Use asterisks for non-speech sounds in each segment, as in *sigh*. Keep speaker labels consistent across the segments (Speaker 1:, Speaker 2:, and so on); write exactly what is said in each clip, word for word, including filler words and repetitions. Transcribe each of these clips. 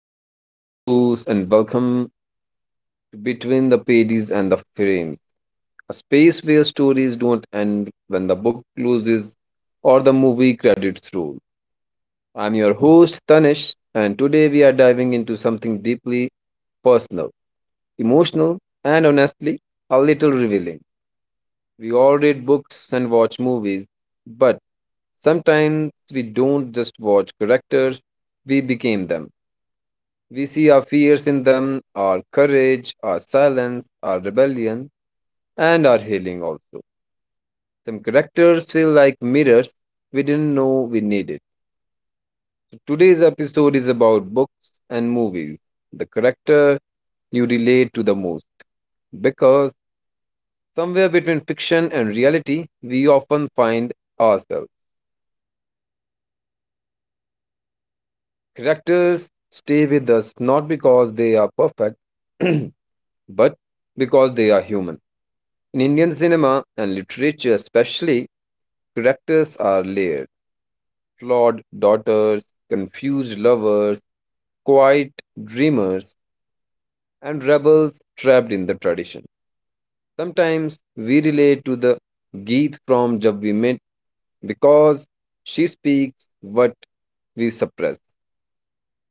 Speaker 1: Hello, beautiful souls, and welcome to Between the Pages and the Frames, a space where stories don't end when the book closes or the movie credits roll. I'm your host, Tanish, and today we are diving into something deeply personal, emotional, and honestly, a little revealing. We all read books and watch movies, but sometimes we don't just watch characters, we became them. We see our fears in them, our courage, our silence, our rebellion, and our healing also. Some characters feel like mirrors we didn't know we needed. So today's episode is about books and movies, the character you relate to the most, because somewhere between fiction and reality, we often find ourselves. Characters stay with us not because they are perfect, *clears throat* but because they are human. In Indian cinema and literature, especially, characters are layered, flawed daughters, confused lovers, quiet dreamers, and rebels trapped in the tradition. Sometimes we relate to the Geet from Jab We Met because she speaks what we suppress.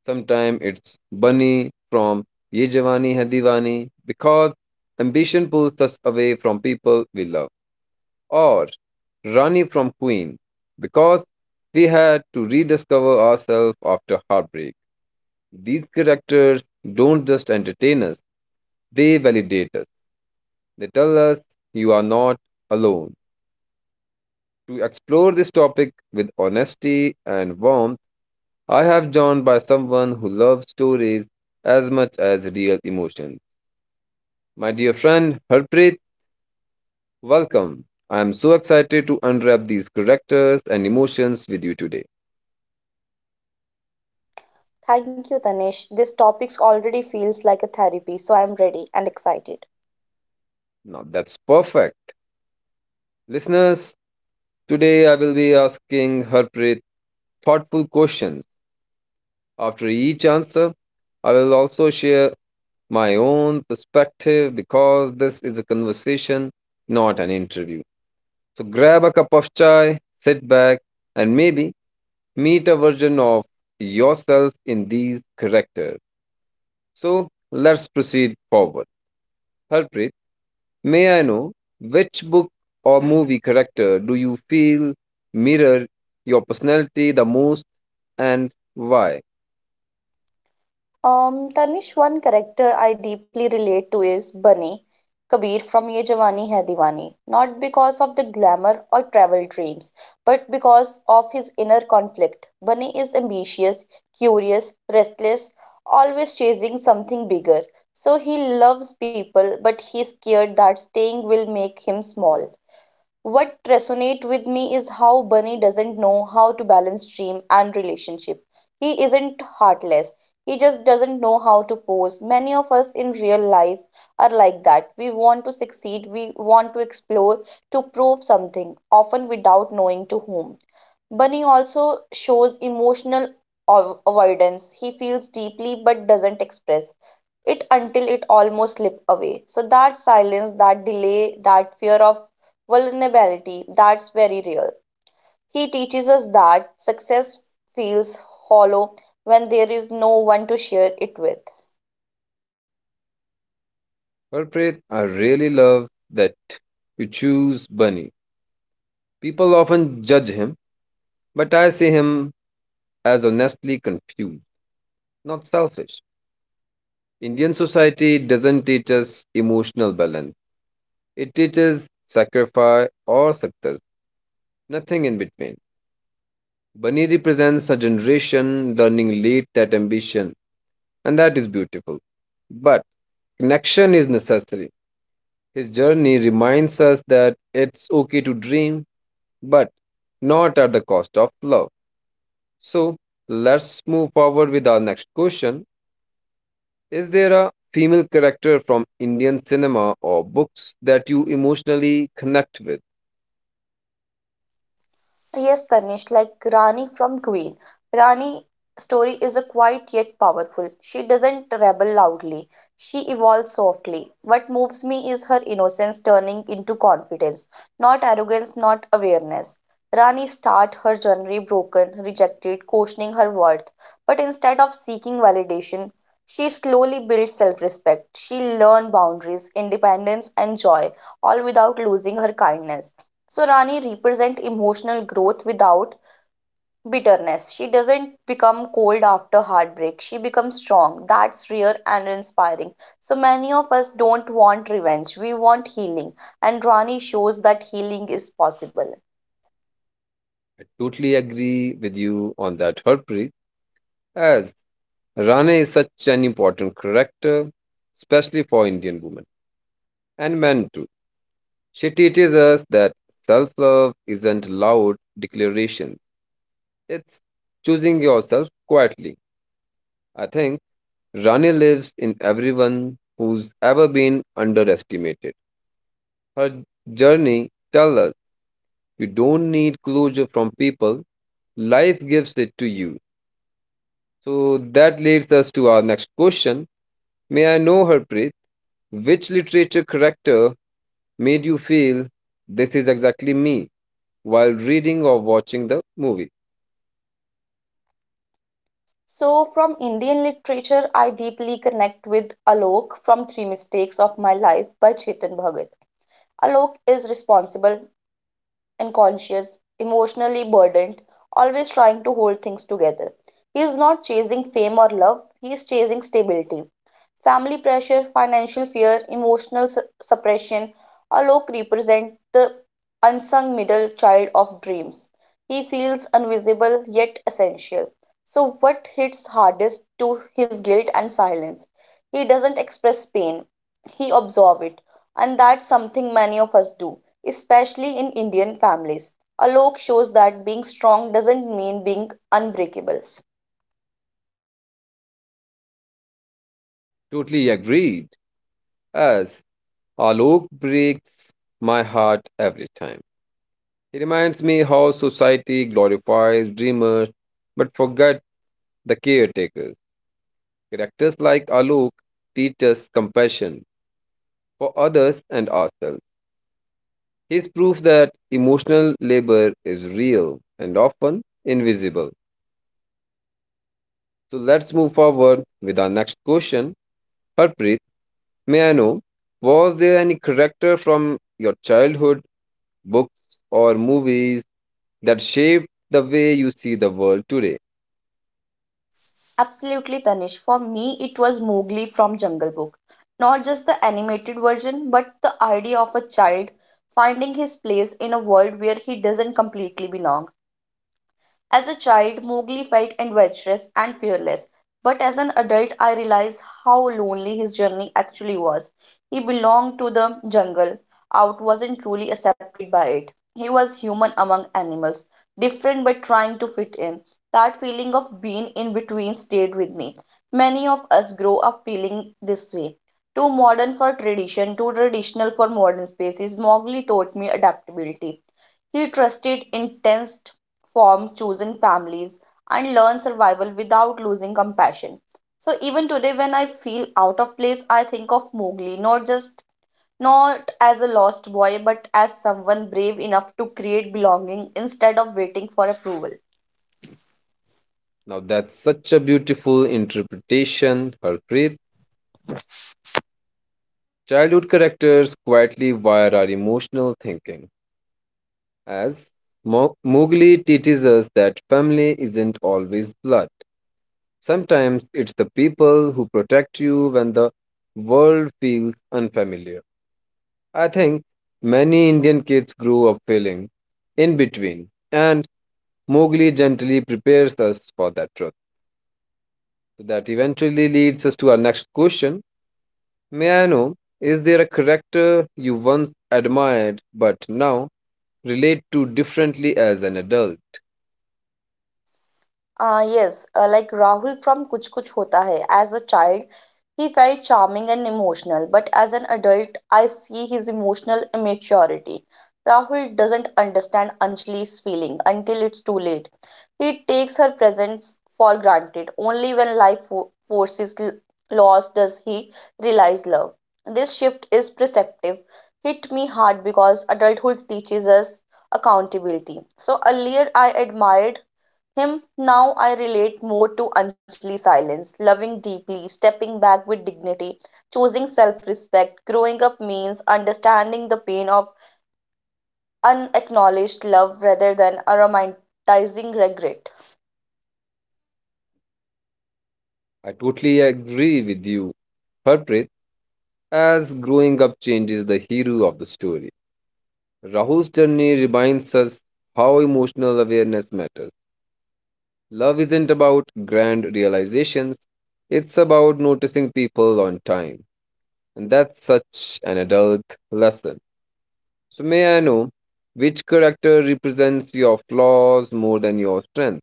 Speaker 1: Sometimes it's Bunny from Ye Jawani Hai Diwani because ambition pulls us away from people we love, or Rani from Queen, because we had to rediscover ourselves after heartbreak. These characters don't just entertain us, they validate us. They tell us you are not alone. To explore this topic with honesty and warmth, I have joined by someone who loves stories as much as real emotions. My dear friend Harpreet, welcome. I am so excited to unwrap these characters and emotions with you today.
Speaker 2: Thank you, Tanish. This topic already feels like a therapy, so I'm ready and excited.
Speaker 1: Now that's perfect. Listeners, today I will be asking Harpreet thoughtful questions. After each answer, I will also share my own perspective because this is a conversation, not an interview. So grab a cup of chai, sit back, and maybe meet a version of yourself in these characters. So let's proceed forward. Harpreet, may I know which book or movie character do you feel mirror your personality the most and why?
Speaker 2: Um, Tanish, one character I deeply relate to is Bunny Kabir from Ye Jawani Hai Diwani. Not because of the glamour or travel dreams, but because of his inner conflict. Bunny is ambitious, curious, restless, always chasing something bigger. So he loves people, but he's scared that staying will make him small. What resonate with me is how Bunny doesn't know how to balance dream and relationship. He isn't heartless. He just doesn't know how to pose. Many of us in real life are like that. We want to succeed, we want to explore, to prove something, often without knowing to whom. Bunny also shows emotional av- avoidance. He feels deeply but doesn't express it until it almost slip away. So that silence, that delay, that fear of vulnerability that's very real. He teaches us that success feels hollow when there is no one to share it with.
Speaker 1: Harpreet, I really love that you choose Bunny. People often judge him, but I see him as honestly confused, not selfish. Indian society doesn't teach us emotional balance. It teaches sacrifice or success, nothing in between. Bunny represents a generation learning late that ambition and that is beautiful. But connection is necessary. His journey reminds us that it's okay to dream, but not at the cost of love. So let's move forward with our next question. Is there a female character from Indian cinema or books that you emotionally connect with?
Speaker 2: Yes, Tanish, like Rani from Queen. Rani' story is a quiet yet powerful. She doesn't rebel loudly. She evolves softly. What moves me is her innocence turning into confidence, not arrogance, not awareness. Rani starts her journey broken, rejected, questioning her worth. But instead of seeking validation, she slowly builds self respect. She learns boundaries, independence, and joy, all without losing her kindness. So Rani represent emotional growth without bitterness. She doesn't become cold after heartbreak. She becomes strong. That's rare and inspiring. So many of us don't want revenge. We want healing. And Rani shows that healing is possible.
Speaker 1: I totally agree with you on that, Harpreet, as Rane is such an important character, especially for Indian women and men too. She teaches us that self love isn't loud declarations, it's choosing yourself quietly. I think Rani lives in everyone who's ever been underestimated. Her journey tells us you don't need closure from people, life gives it to you. So that leads us to our next question. May I know her, Preet? Which literature character made you feel this is exactly me while reading or watching the movie?
Speaker 2: So from Indian literature, I deeply connect with Alok from Three Mistakes of My Life by Chetan Bhagat. Alok is responsible unconscious, emotionally burdened, always trying to hold things together. He is not chasing fame or love, he is chasing stability. Family pressure, financial fear, emotional su- suppression, Alok represent the unsung middle child of dreams. He feels invisible yet essential. So, what hits hardest to his guilt and silence? He doesn't express pain, he absorbs it, and that's something many of us do, especially in Indian families. Alok shows that being strong doesn't mean being unbreakable.
Speaker 1: Totally agreed. As Alok breaks my heart every time. He reminds me how society glorifies dreamers but forget the caretakers. Characters like Alok teach us compassion for others and ourselves. He's proof that emotional labor is real and often invisible. So let's move forward with our next question. Harpreet, may I know, was there any character from your childhood books or movies that shape the way you see the world today?
Speaker 2: Absolutely, Tanish. For me, it was Mowgli from Jungle Book. Not just the animated version, but the idea of a child finding his place in a world where he doesn't completely belong. As a child, Mowgli felt adventurous and fearless, but as an adult, I realized how lonely his journey actually was. He belonged to the jungle, out wasn't truly accepted by it. He was human among animals, different but trying to fit in. That feeling of being in between stayed with me. Many of us grow up feeling this way. Too modern for tradition, too traditional for modern spaces, Mowgli taught me adaptability. He trusted intense form chosen families, and learn survival without losing compassion. So even today, when I feel out of place, I think of Mowgli, not just not as a lost boy, but as someone brave enough to create belonging instead of waiting for approval.
Speaker 1: Now, that's such a beautiful interpretation, Harpreet. Childhood characters quietly wire our emotional thinking, as Mo- Mowgli teaches us that family isn't always blood. Sometimes it's the people who protect you when the world feels unfamiliar. I think many Indian kids grow up feeling in between, and Mowgli gently prepares us for that truth. So that eventually leads us to our next question. May I know, is there a character you once admired but now relate to differently as an adult?
Speaker 2: Uh, yes, uh, like Rahul from Kuch Kuch Hota Hai. As a child, he felt charming and emotional, but as an adult, I see his emotional immaturity. Rahul doesn't understand Anjali's feeling until it's too late. He takes her presence for granted. Only when life fo- forces l- loss does he realize love. This shift is perceptive. Hit me hard because adulthood teaches us accountability. So earlier I admired him, now I relate more to Anjali's silence, loving deeply, stepping back with dignity, choosing self respect. Growing up means understanding the pain of unacknowledged love rather than a romanticizing regret.
Speaker 1: I totally agree with you, Harpreet, as growing up changes the hero of the story. Rahul's journey reminds us how emotional awareness matters. Love isn't about grand realizations, it's about noticing people on time. And that's such an adult lesson. So, may I know which character represents your flaws more than your strength?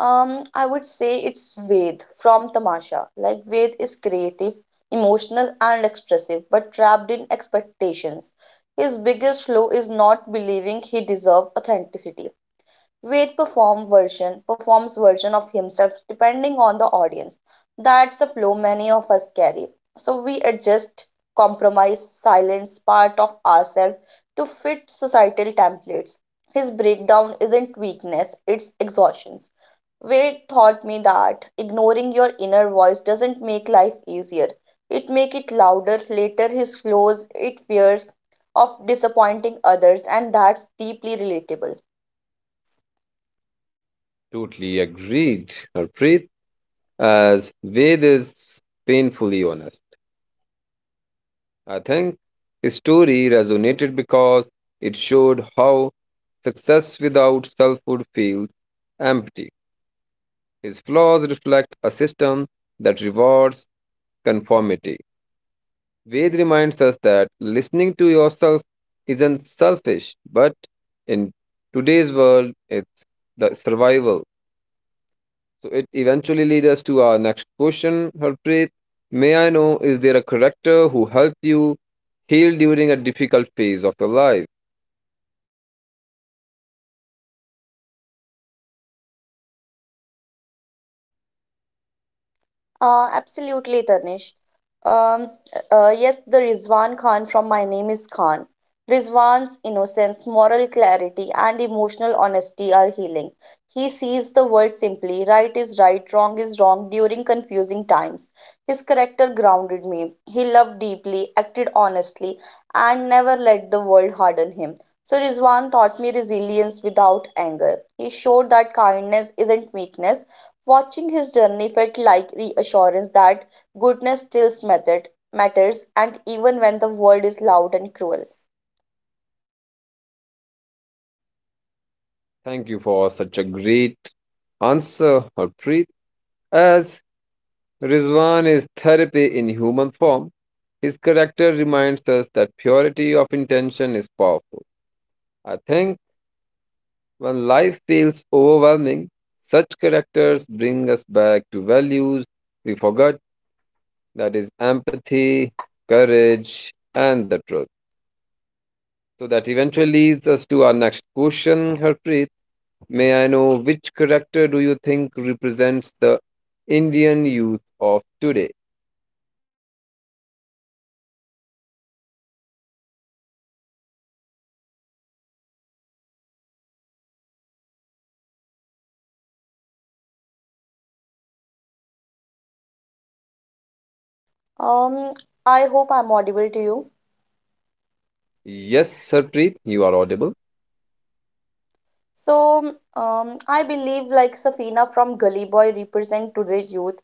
Speaker 2: Um, I would say it's Ved from Tamasha. Like, Ved is creative, emotional, and expressive, but trapped in expectations. His biggest flaw is not believing he deserves authenticity. Weight perform version performs version of himself depending on the audience, that's the flow many of us carry. So we adjust, compromise, silence part of ourselves to fit societal templates. His breakdown isn't weakness, it's exhaustion. Wade taught me that ignoring your inner voice doesn't make life easier. It make it louder. Later his flaws, it fears of disappointing others, and that's deeply relatable.
Speaker 1: Totally agreed, Harpreet, as Ved is painfully honest. I think his story resonated because it showed how success without selfhood feels empty. His flaws reflect a system that rewards conformity. Ved reminds us that listening to yourself isn't selfish, but in today's world, it's the survival. So it eventually leads us to our next question, Harpreet. May I know, is there a character who helped you heal during a difficult phase of your life?
Speaker 2: Uh, absolutely, Tanish. Um, uh, uh, yes, the Rizwan Khan from My Name is Khan. Rizwan's innocence, moral clarity, and emotional honesty are healing. He sees the world simply right is right, wrong is wrong during confusing times. His character grounded me. He loved deeply, acted honestly, and never let the world harden him. So, Rizwan taught me resilience without anger. He showed that kindness isn't weakness. Watching his journey felt like reassurance that goodness still mattered, matters, and even when the world is loud and cruel.
Speaker 1: Thank you for such a great answer, Harpreet. As Rizwan is therapy in human form, his character reminds us that purity of intention is powerful. I think when life feels overwhelming, such characters bring us back to values we forgot, that is empathy, courage, and the truth. So that eventually leads us to our next question, Harpreet. May I know which character do you think represents the Indian youth of today?
Speaker 2: Um, I hope I'm audible to you.
Speaker 1: Yes, Harpreet, you are audible.
Speaker 2: So, um, I believe like Safina from Gully Boy represent today's youth.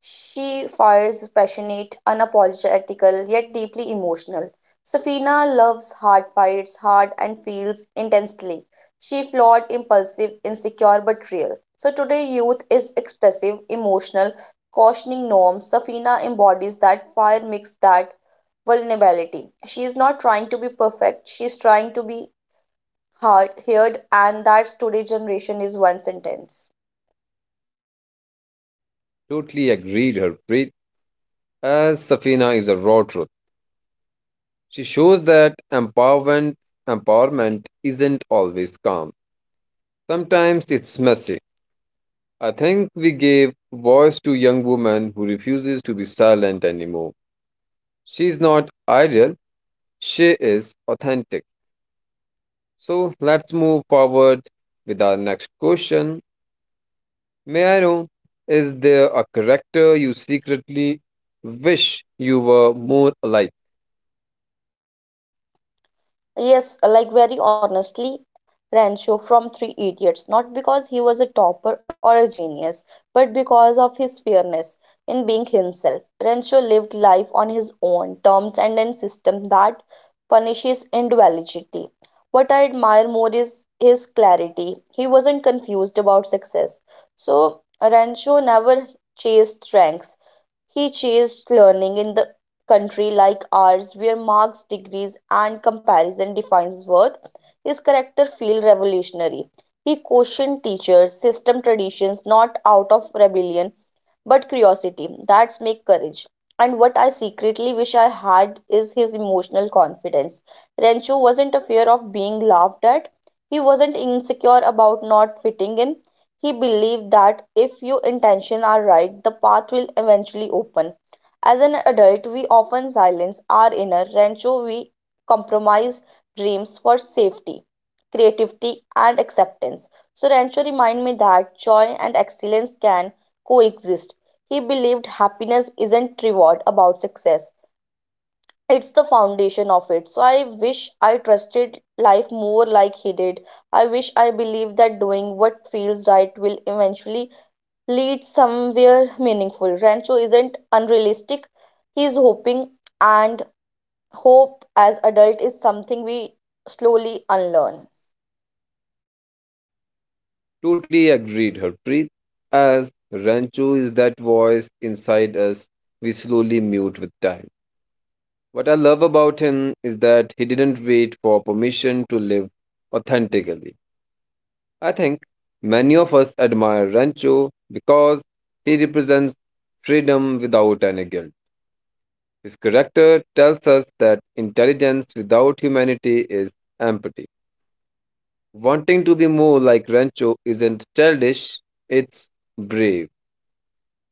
Speaker 2: She fires passionate, unapologetical, yet deeply emotional. Safina loves hard, fights hard, and feels intensely. She flawed, impulsive, insecure but real. So today youth is expressive, emotional, cautioning norms. Safina embodies that fire mixed that vulnerability. She is not trying to be perfect, she is trying to be heard, heard and that's today generation is one sentence.
Speaker 1: Totally agreed, Harpreet. As Safina is a raw truth, she shows that empowerment, empowerment isn't always calm. Sometimes it's messy. I think we gave voice to young woman who refuses to be silent anymore. She's not ideal, she is authentic. So let's move forward with our next question. May I know, is there a character you secretly wish you were more alike?
Speaker 2: Yes, like very honestly, Rancho from Three Idiots, not because he was a topper or a genius, but because of his fairness in being himself. Rancho lived life on his own terms and in system that punishes individuality. What I admire more is his clarity. He wasn't confused about success. So Rancho never chased ranks. He chased learning in the country like ours where marks, degrees, and comparison defines worth. His character feel revolutionary. He questioned teachers, system, traditions not out of rebellion but curiosity, that's make courage. And what I secretly wish I had is his emotional confidence. Rancho wasn't afraid of being laughed at. He wasn't insecure about not fitting in. He believed that if your intentions are right, the path will eventually open. As an adult, we often silence our inner Rancho. We compromise dreams for safety, creativity, and acceptance. So Rancho remind me that joy and excellence can coexist. He believed happiness isn't reward about success, it's the foundation of it. So I wish I trusted life more like he did. I wish I believed that doing what feels right will eventually lead somewhere meaningful. Rancho isn't unrealistic, he's hoping, and hope as adult is something we slowly unlearn.
Speaker 1: Totally agreed, Harpreet. As Rancho is that voice inside us we slowly mute with time. What I love about him is that he didn't wait for permission to live authentically. I think many of us admire Rancho because he represents freedom without any guilt. His character tells us that intelligence without humanity is empty. Wanting to be more like Rancho isn't childish, it's brave.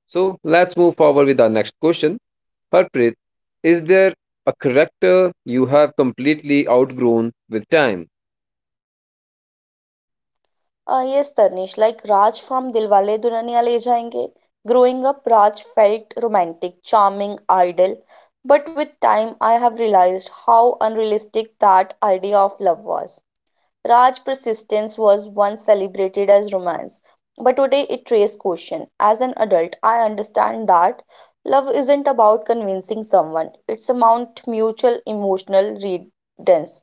Speaker 1: So let's move forward with our next question. Harpreet, is there a character you have completely outgrown with time?
Speaker 2: Uh, yes, Tanish, like Raj from Dilwale Dulhaniya Le Jayenge. Growing up, Raj felt romantic, charming, idle. But with time, I have realized how unrealistic that idea of love was. Raj persistence was once celebrated as romance, but today it raises question. As an adult, I understand that love isn't about convincing someone; it's about mutual emotional readings.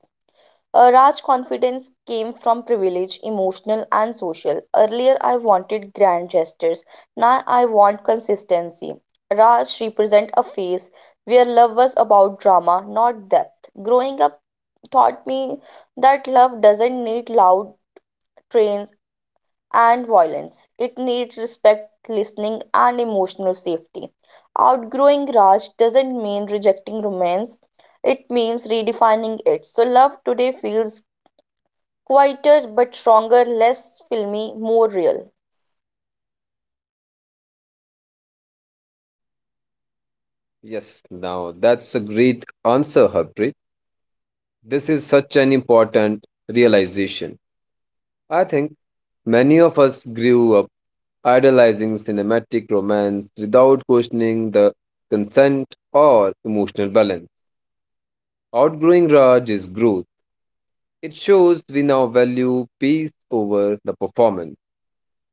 Speaker 2: Uh, Raj confidence came from privilege, emotional and social. Earlier, I wanted grand gestures. Now, I want consistency. Raj represent a phase where love was about drama, not depth. Growing up taught me that love doesn't need loud trains and violence. It needs respect, listening, and emotional safety. Outgrowing Raj doesn't mean rejecting romance, it means redefining it. So, love today feels quieter but stronger, less filmy, more real.
Speaker 1: Yes, now that's a great answer, Harpreet. This is such an important realization. I think many of us grew up idolizing cinematic romance without questioning the consent or emotional balance. Outgrowing Raj is growth. It shows we now value peace over the performance.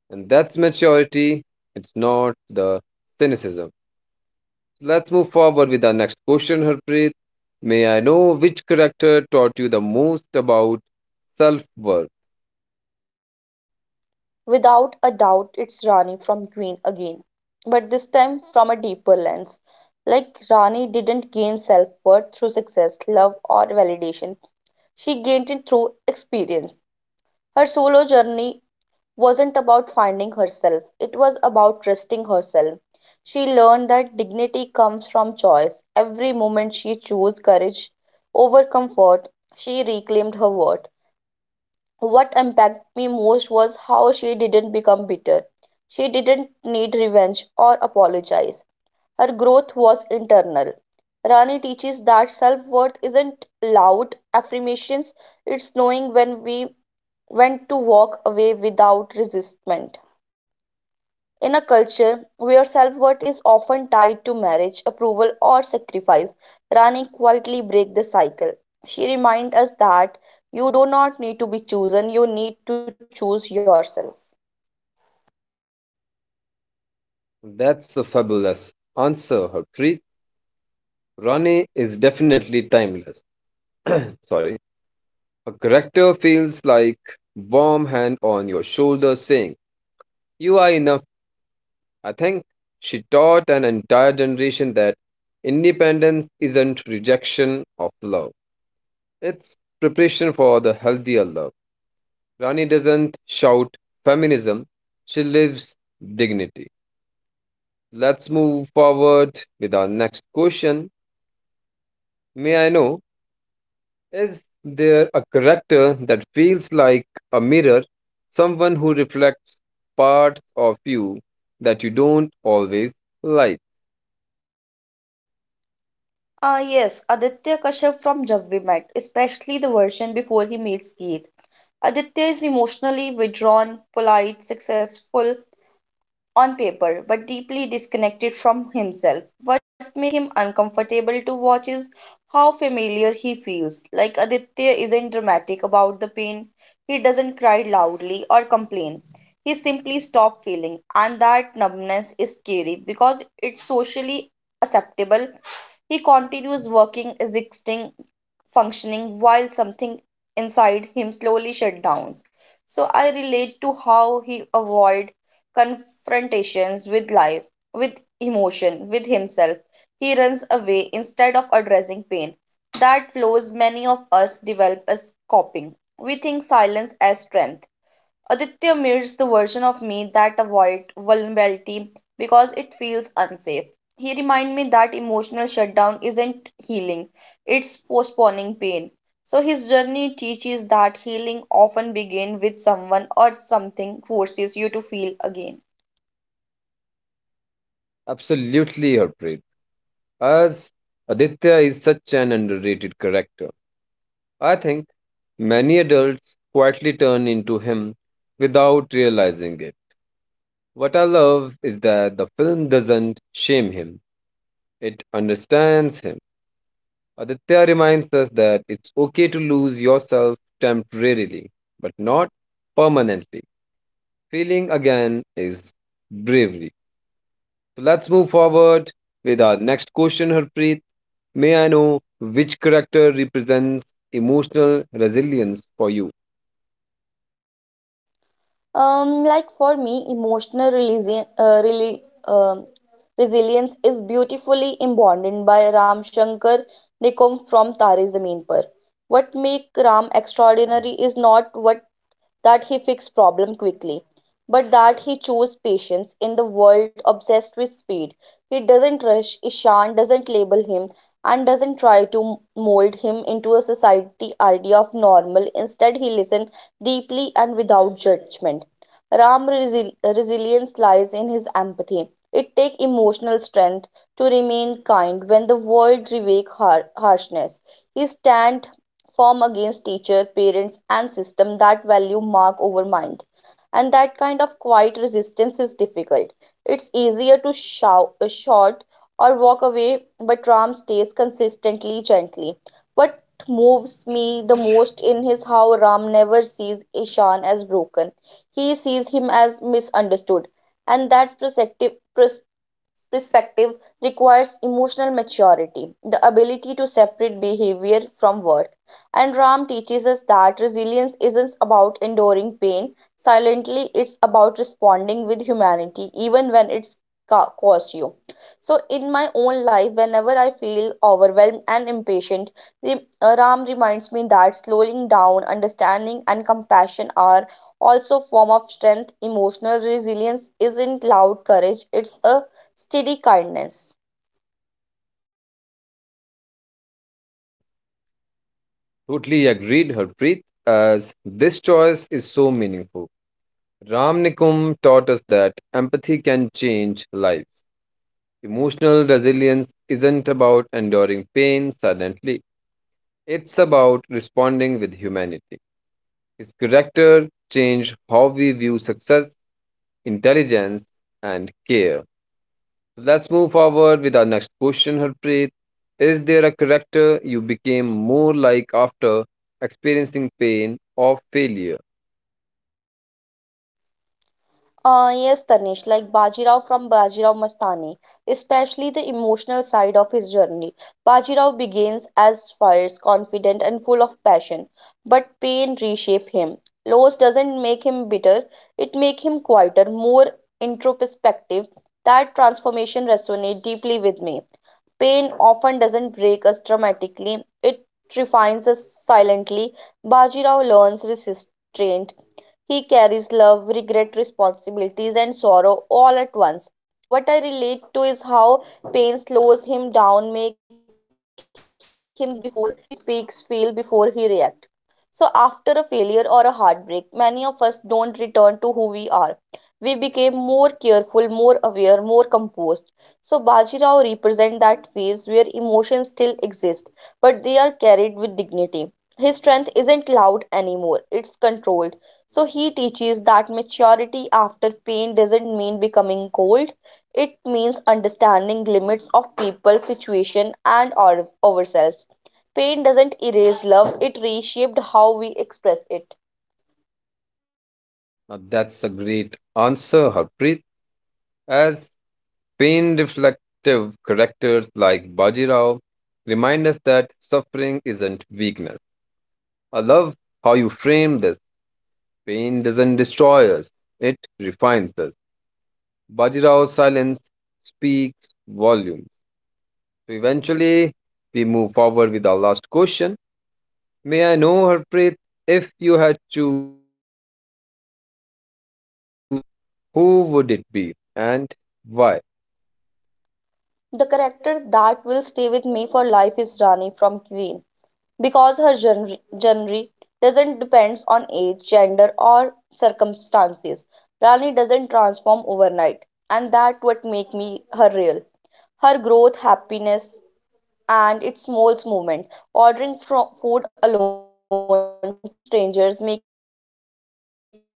Speaker 1: And that's maturity, it's not the cynicism. Let's move forward with our next question, Harpreet. May I know which character taught you the most about self worth?
Speaker 2: Without a doubt, it's Rani from Queen again, but this time from a deeper lens. Like Rani didn't gain self worth through success, love, or validation, she gained it through experience. Her solo journey wasn't about finding herself, it was about trusting herself. She learned that dignity comes from choice. Every moment she chose courage over comfort, she reclaimed her worth. What impacted me most was how she didn't become bitter. She didn't need revenge or apologize. Her growth was internal. Rani teaches that self worth isn't loud affirmations, it's knowing when we when to walk away without resistment. In a culture where self worth is often tied to marriage, approval, or sacrifice, Rani quietly breaks the cycle. She reminds us that you do not need to be chosen, you need to choose yourself.
Speaker 1: That's a fabulous answer, Harpreet. Rane is definitely timeless. *clears throat* Sorry. A character feels like warm hand on your shoulder saying, you are enough. I think she taught an entire generation that independence isn't rejection of love. It's preparation for the healthier love. Rani doesn't shout feminism, she lives dignity. Let's move forward with our next question. May I know, is there a character that feels like a mirror, someone who reflects parts of you that you don't always like?
Speaker 2: Ah, yes, Aditya Kashyap from Jab We Met, especially the version before he meets Geet. Aditya is emotionally withdrawn, polite, successful, on paper but deeply disconnected from himself. What makes him uncomfortable to watch is how familiar he feels. Like Aditya isn't dramatic about the pain, he doesn't cry loudly or complain. He simply stops feeling, and that numbness is scary because it's socially acceptable. He continues working, existing, functioning while something inside him slowly shut down. So I relate to how he avoid confrontations with life, with emotion, with himself. He runs away instead of addressing pain. That flows many of us develop as coping. We think silence as strength. Aditya mirrors the version of me that avoids vulnerability because it feels unsafe. He reminds me that emotional shutdown isn't healing, it's postponing pain. So his journey teaches that healing often begins with someone or something forces you to feel again.
Speaker 1: Absolutely, Harpreet. As Aditya is such an underrated character, I think many adults quietly turn into him without realizing it. What I love is that the film doesn't shame him, it understands him. Aditya reminds us that it's okay to lose yourself temporarily, but not permanently. Feeling again is bravery. So let's move forward with our next question, Harpreet. May I know which character represents emotional resilience for you?
Speaker 2: Um, like for me, emotional resili- uh, really, um, resilience is beautifully embodied by Ram Shankar Nikom from Tare Zameen Par. What make Ram extraordinary is not what that he fixed problem quickly, but that he chose patience in the world obsessed with speed. He doesn't rush Ishan, doesn't label him, and doesn't try to mold him into a society idea of normal. Instead, he listened deeply and without judgment. Ram's resi- resilience lies in his empathy. It takes emotional strength to remain kind when the world revokes har- harshness. He stands form against teacher, parents, and system that value mark over mind. And that kind of quiet resistance is difficult. It's easier to shout, uh, shout or walk away, but Ram stays consistently gently. What moves me the most in his how Ram never sees Ishan as broken. He sees him as misunderstood, and that perspective perspective requires emotional maturity, the ability to separate behavior from worth. And Ram teaches us that resilience isn't about enduring pain silently, it's about responding with humanity, even when it's ca- cost you. So, in my own life, whenever I feel overwhelmed and impatient, Re- uh, Ram reminds me that slowing down, understanding, and compassion are also form of strength. Emotional resilience isn't loud courage, it's a steady kindness.
Speaker 1: Totally agreed, Harpreet, as this choice is so meaningful. Ramnikum taught us that empathy can change lives. Emotional resilience isn't about enduring pain silently, it's about responding with humanity. His character changed how we view success, intelligence, and care. So let's move forward with our next question, Harpreet. Is there a character you became more like after experiencing pain or failure?
Speaker 2: Uh, yes, Tanish, like Bajirao from Bajirao Mastani, especially the emotional side of his journey. Bajirao begins as fierce, confident, and full of passion, but pain reshape him. Loss doesn't make him bitter; it make him quieter, more introspective. That transformation resonates deeply with me. Pain often doesn't break us dramatically, it refines us silently. Bajirao learns restraint. He carries love, regret, responsibilities, and sorrow all at once. What I relate to is how pain slows him down, make him think before he speaks, feel before he reacts. So after a failure or a heartbreak, many of us don't return to who we are. We became more careful, more aware, more composed. So Bajirao represent that phase where emotions still exist, but they are carried with dignity. His strength isn't loud anymore, it's controlled. So he teaches that maturity after pain doesn't mean becoming cold. It means understanding limits of people, situation and our, ourselves. Pain doesn't erase love, it reshaped how we express it.
Speaker 1: Now, that's a great answer, Harpreet. As pain reflective characters like Bajirao remind us that suffering isn't weakness. I love how you frame this. Pain doesn't destroy us, it refines us. Bajirao's silence speaks volumes. So eventually, we move forward with our last question. May I know, Harpreet, if you had choose one character that will stay with you for life, who would it be and why?
Speaker 2: The character that will stay with me for life is Rani from Queen because her genre, genre doesn't depend on age, gender, or circumstances. Rani doesn't transform overnight, and that what make me her real. Her growth, happiness, and its molds movement. Ordering fro- food alone, trusting strangers, making choices without seeking permission.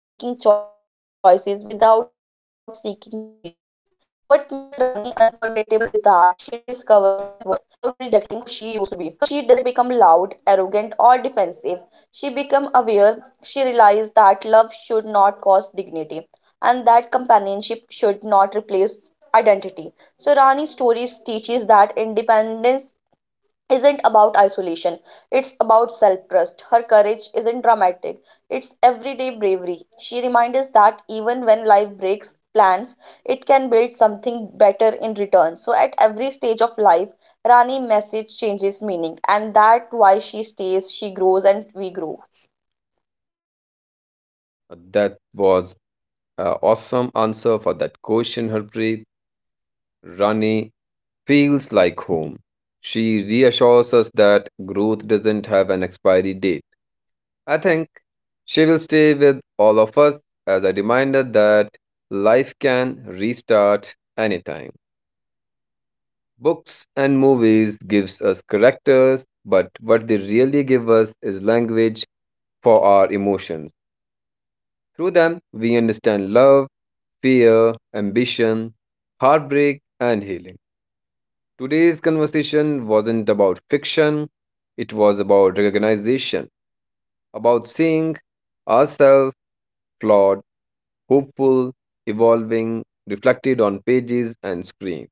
Speaker 2: What makes Rani unforgettable is that she discovers self worth without rejecting who she used to be. So she doesn't become loud, arrogant, or defensive. She becomes aware. She realizes that love should not cost dignity and that companionship should not replace identity. So Rani's stories teaches that independence isn't about isolation. It's about self trust. Her courage isn't dramatic, it's everyday bravery. She reminds us that even when life breaks plans, it can build something better in return. So, at every stage of life, Rani's message changes meaning, and that's why she stays, she grows, and we grow.
Speaker 1: That was Uh, awesome answer for that question, Harpreet. Rani feels like home. She reassures us that growth doesn't have an expiry date. I think she will stay with all of us as a reminder that life can restart anytime. Books and movies gives us characters, but what they really give us is language for our emotions. Through them, we understand love, fear, ambition, heartbreak, and healing. Today's conversation wasn't about fiction, it was about recognition, about seeing ourselves flawed, hopeful, evolving, reflected on pages and screen.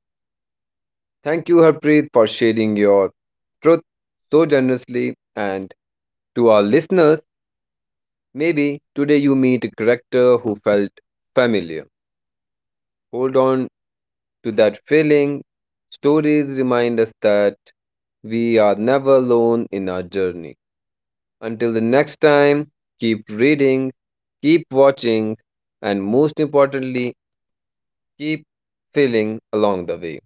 Speaker 1: Thank you, Harpreet, for sharing your truth so generously. And to our listeners, maybe today you meet a character who felt familiar. Hold on to that feeling. Stories remind us that we are never alone in our journey. Until the next time, keep reading, keep watching, and most importantly, keep feeling along the way.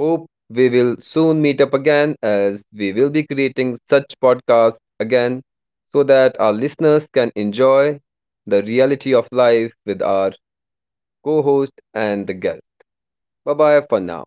Speaker 1: Hope we will soon meet up again as we will be creating such podcasts again so that our listeners can enjoy the reality of life with our co host and the guest. Bye bye for now.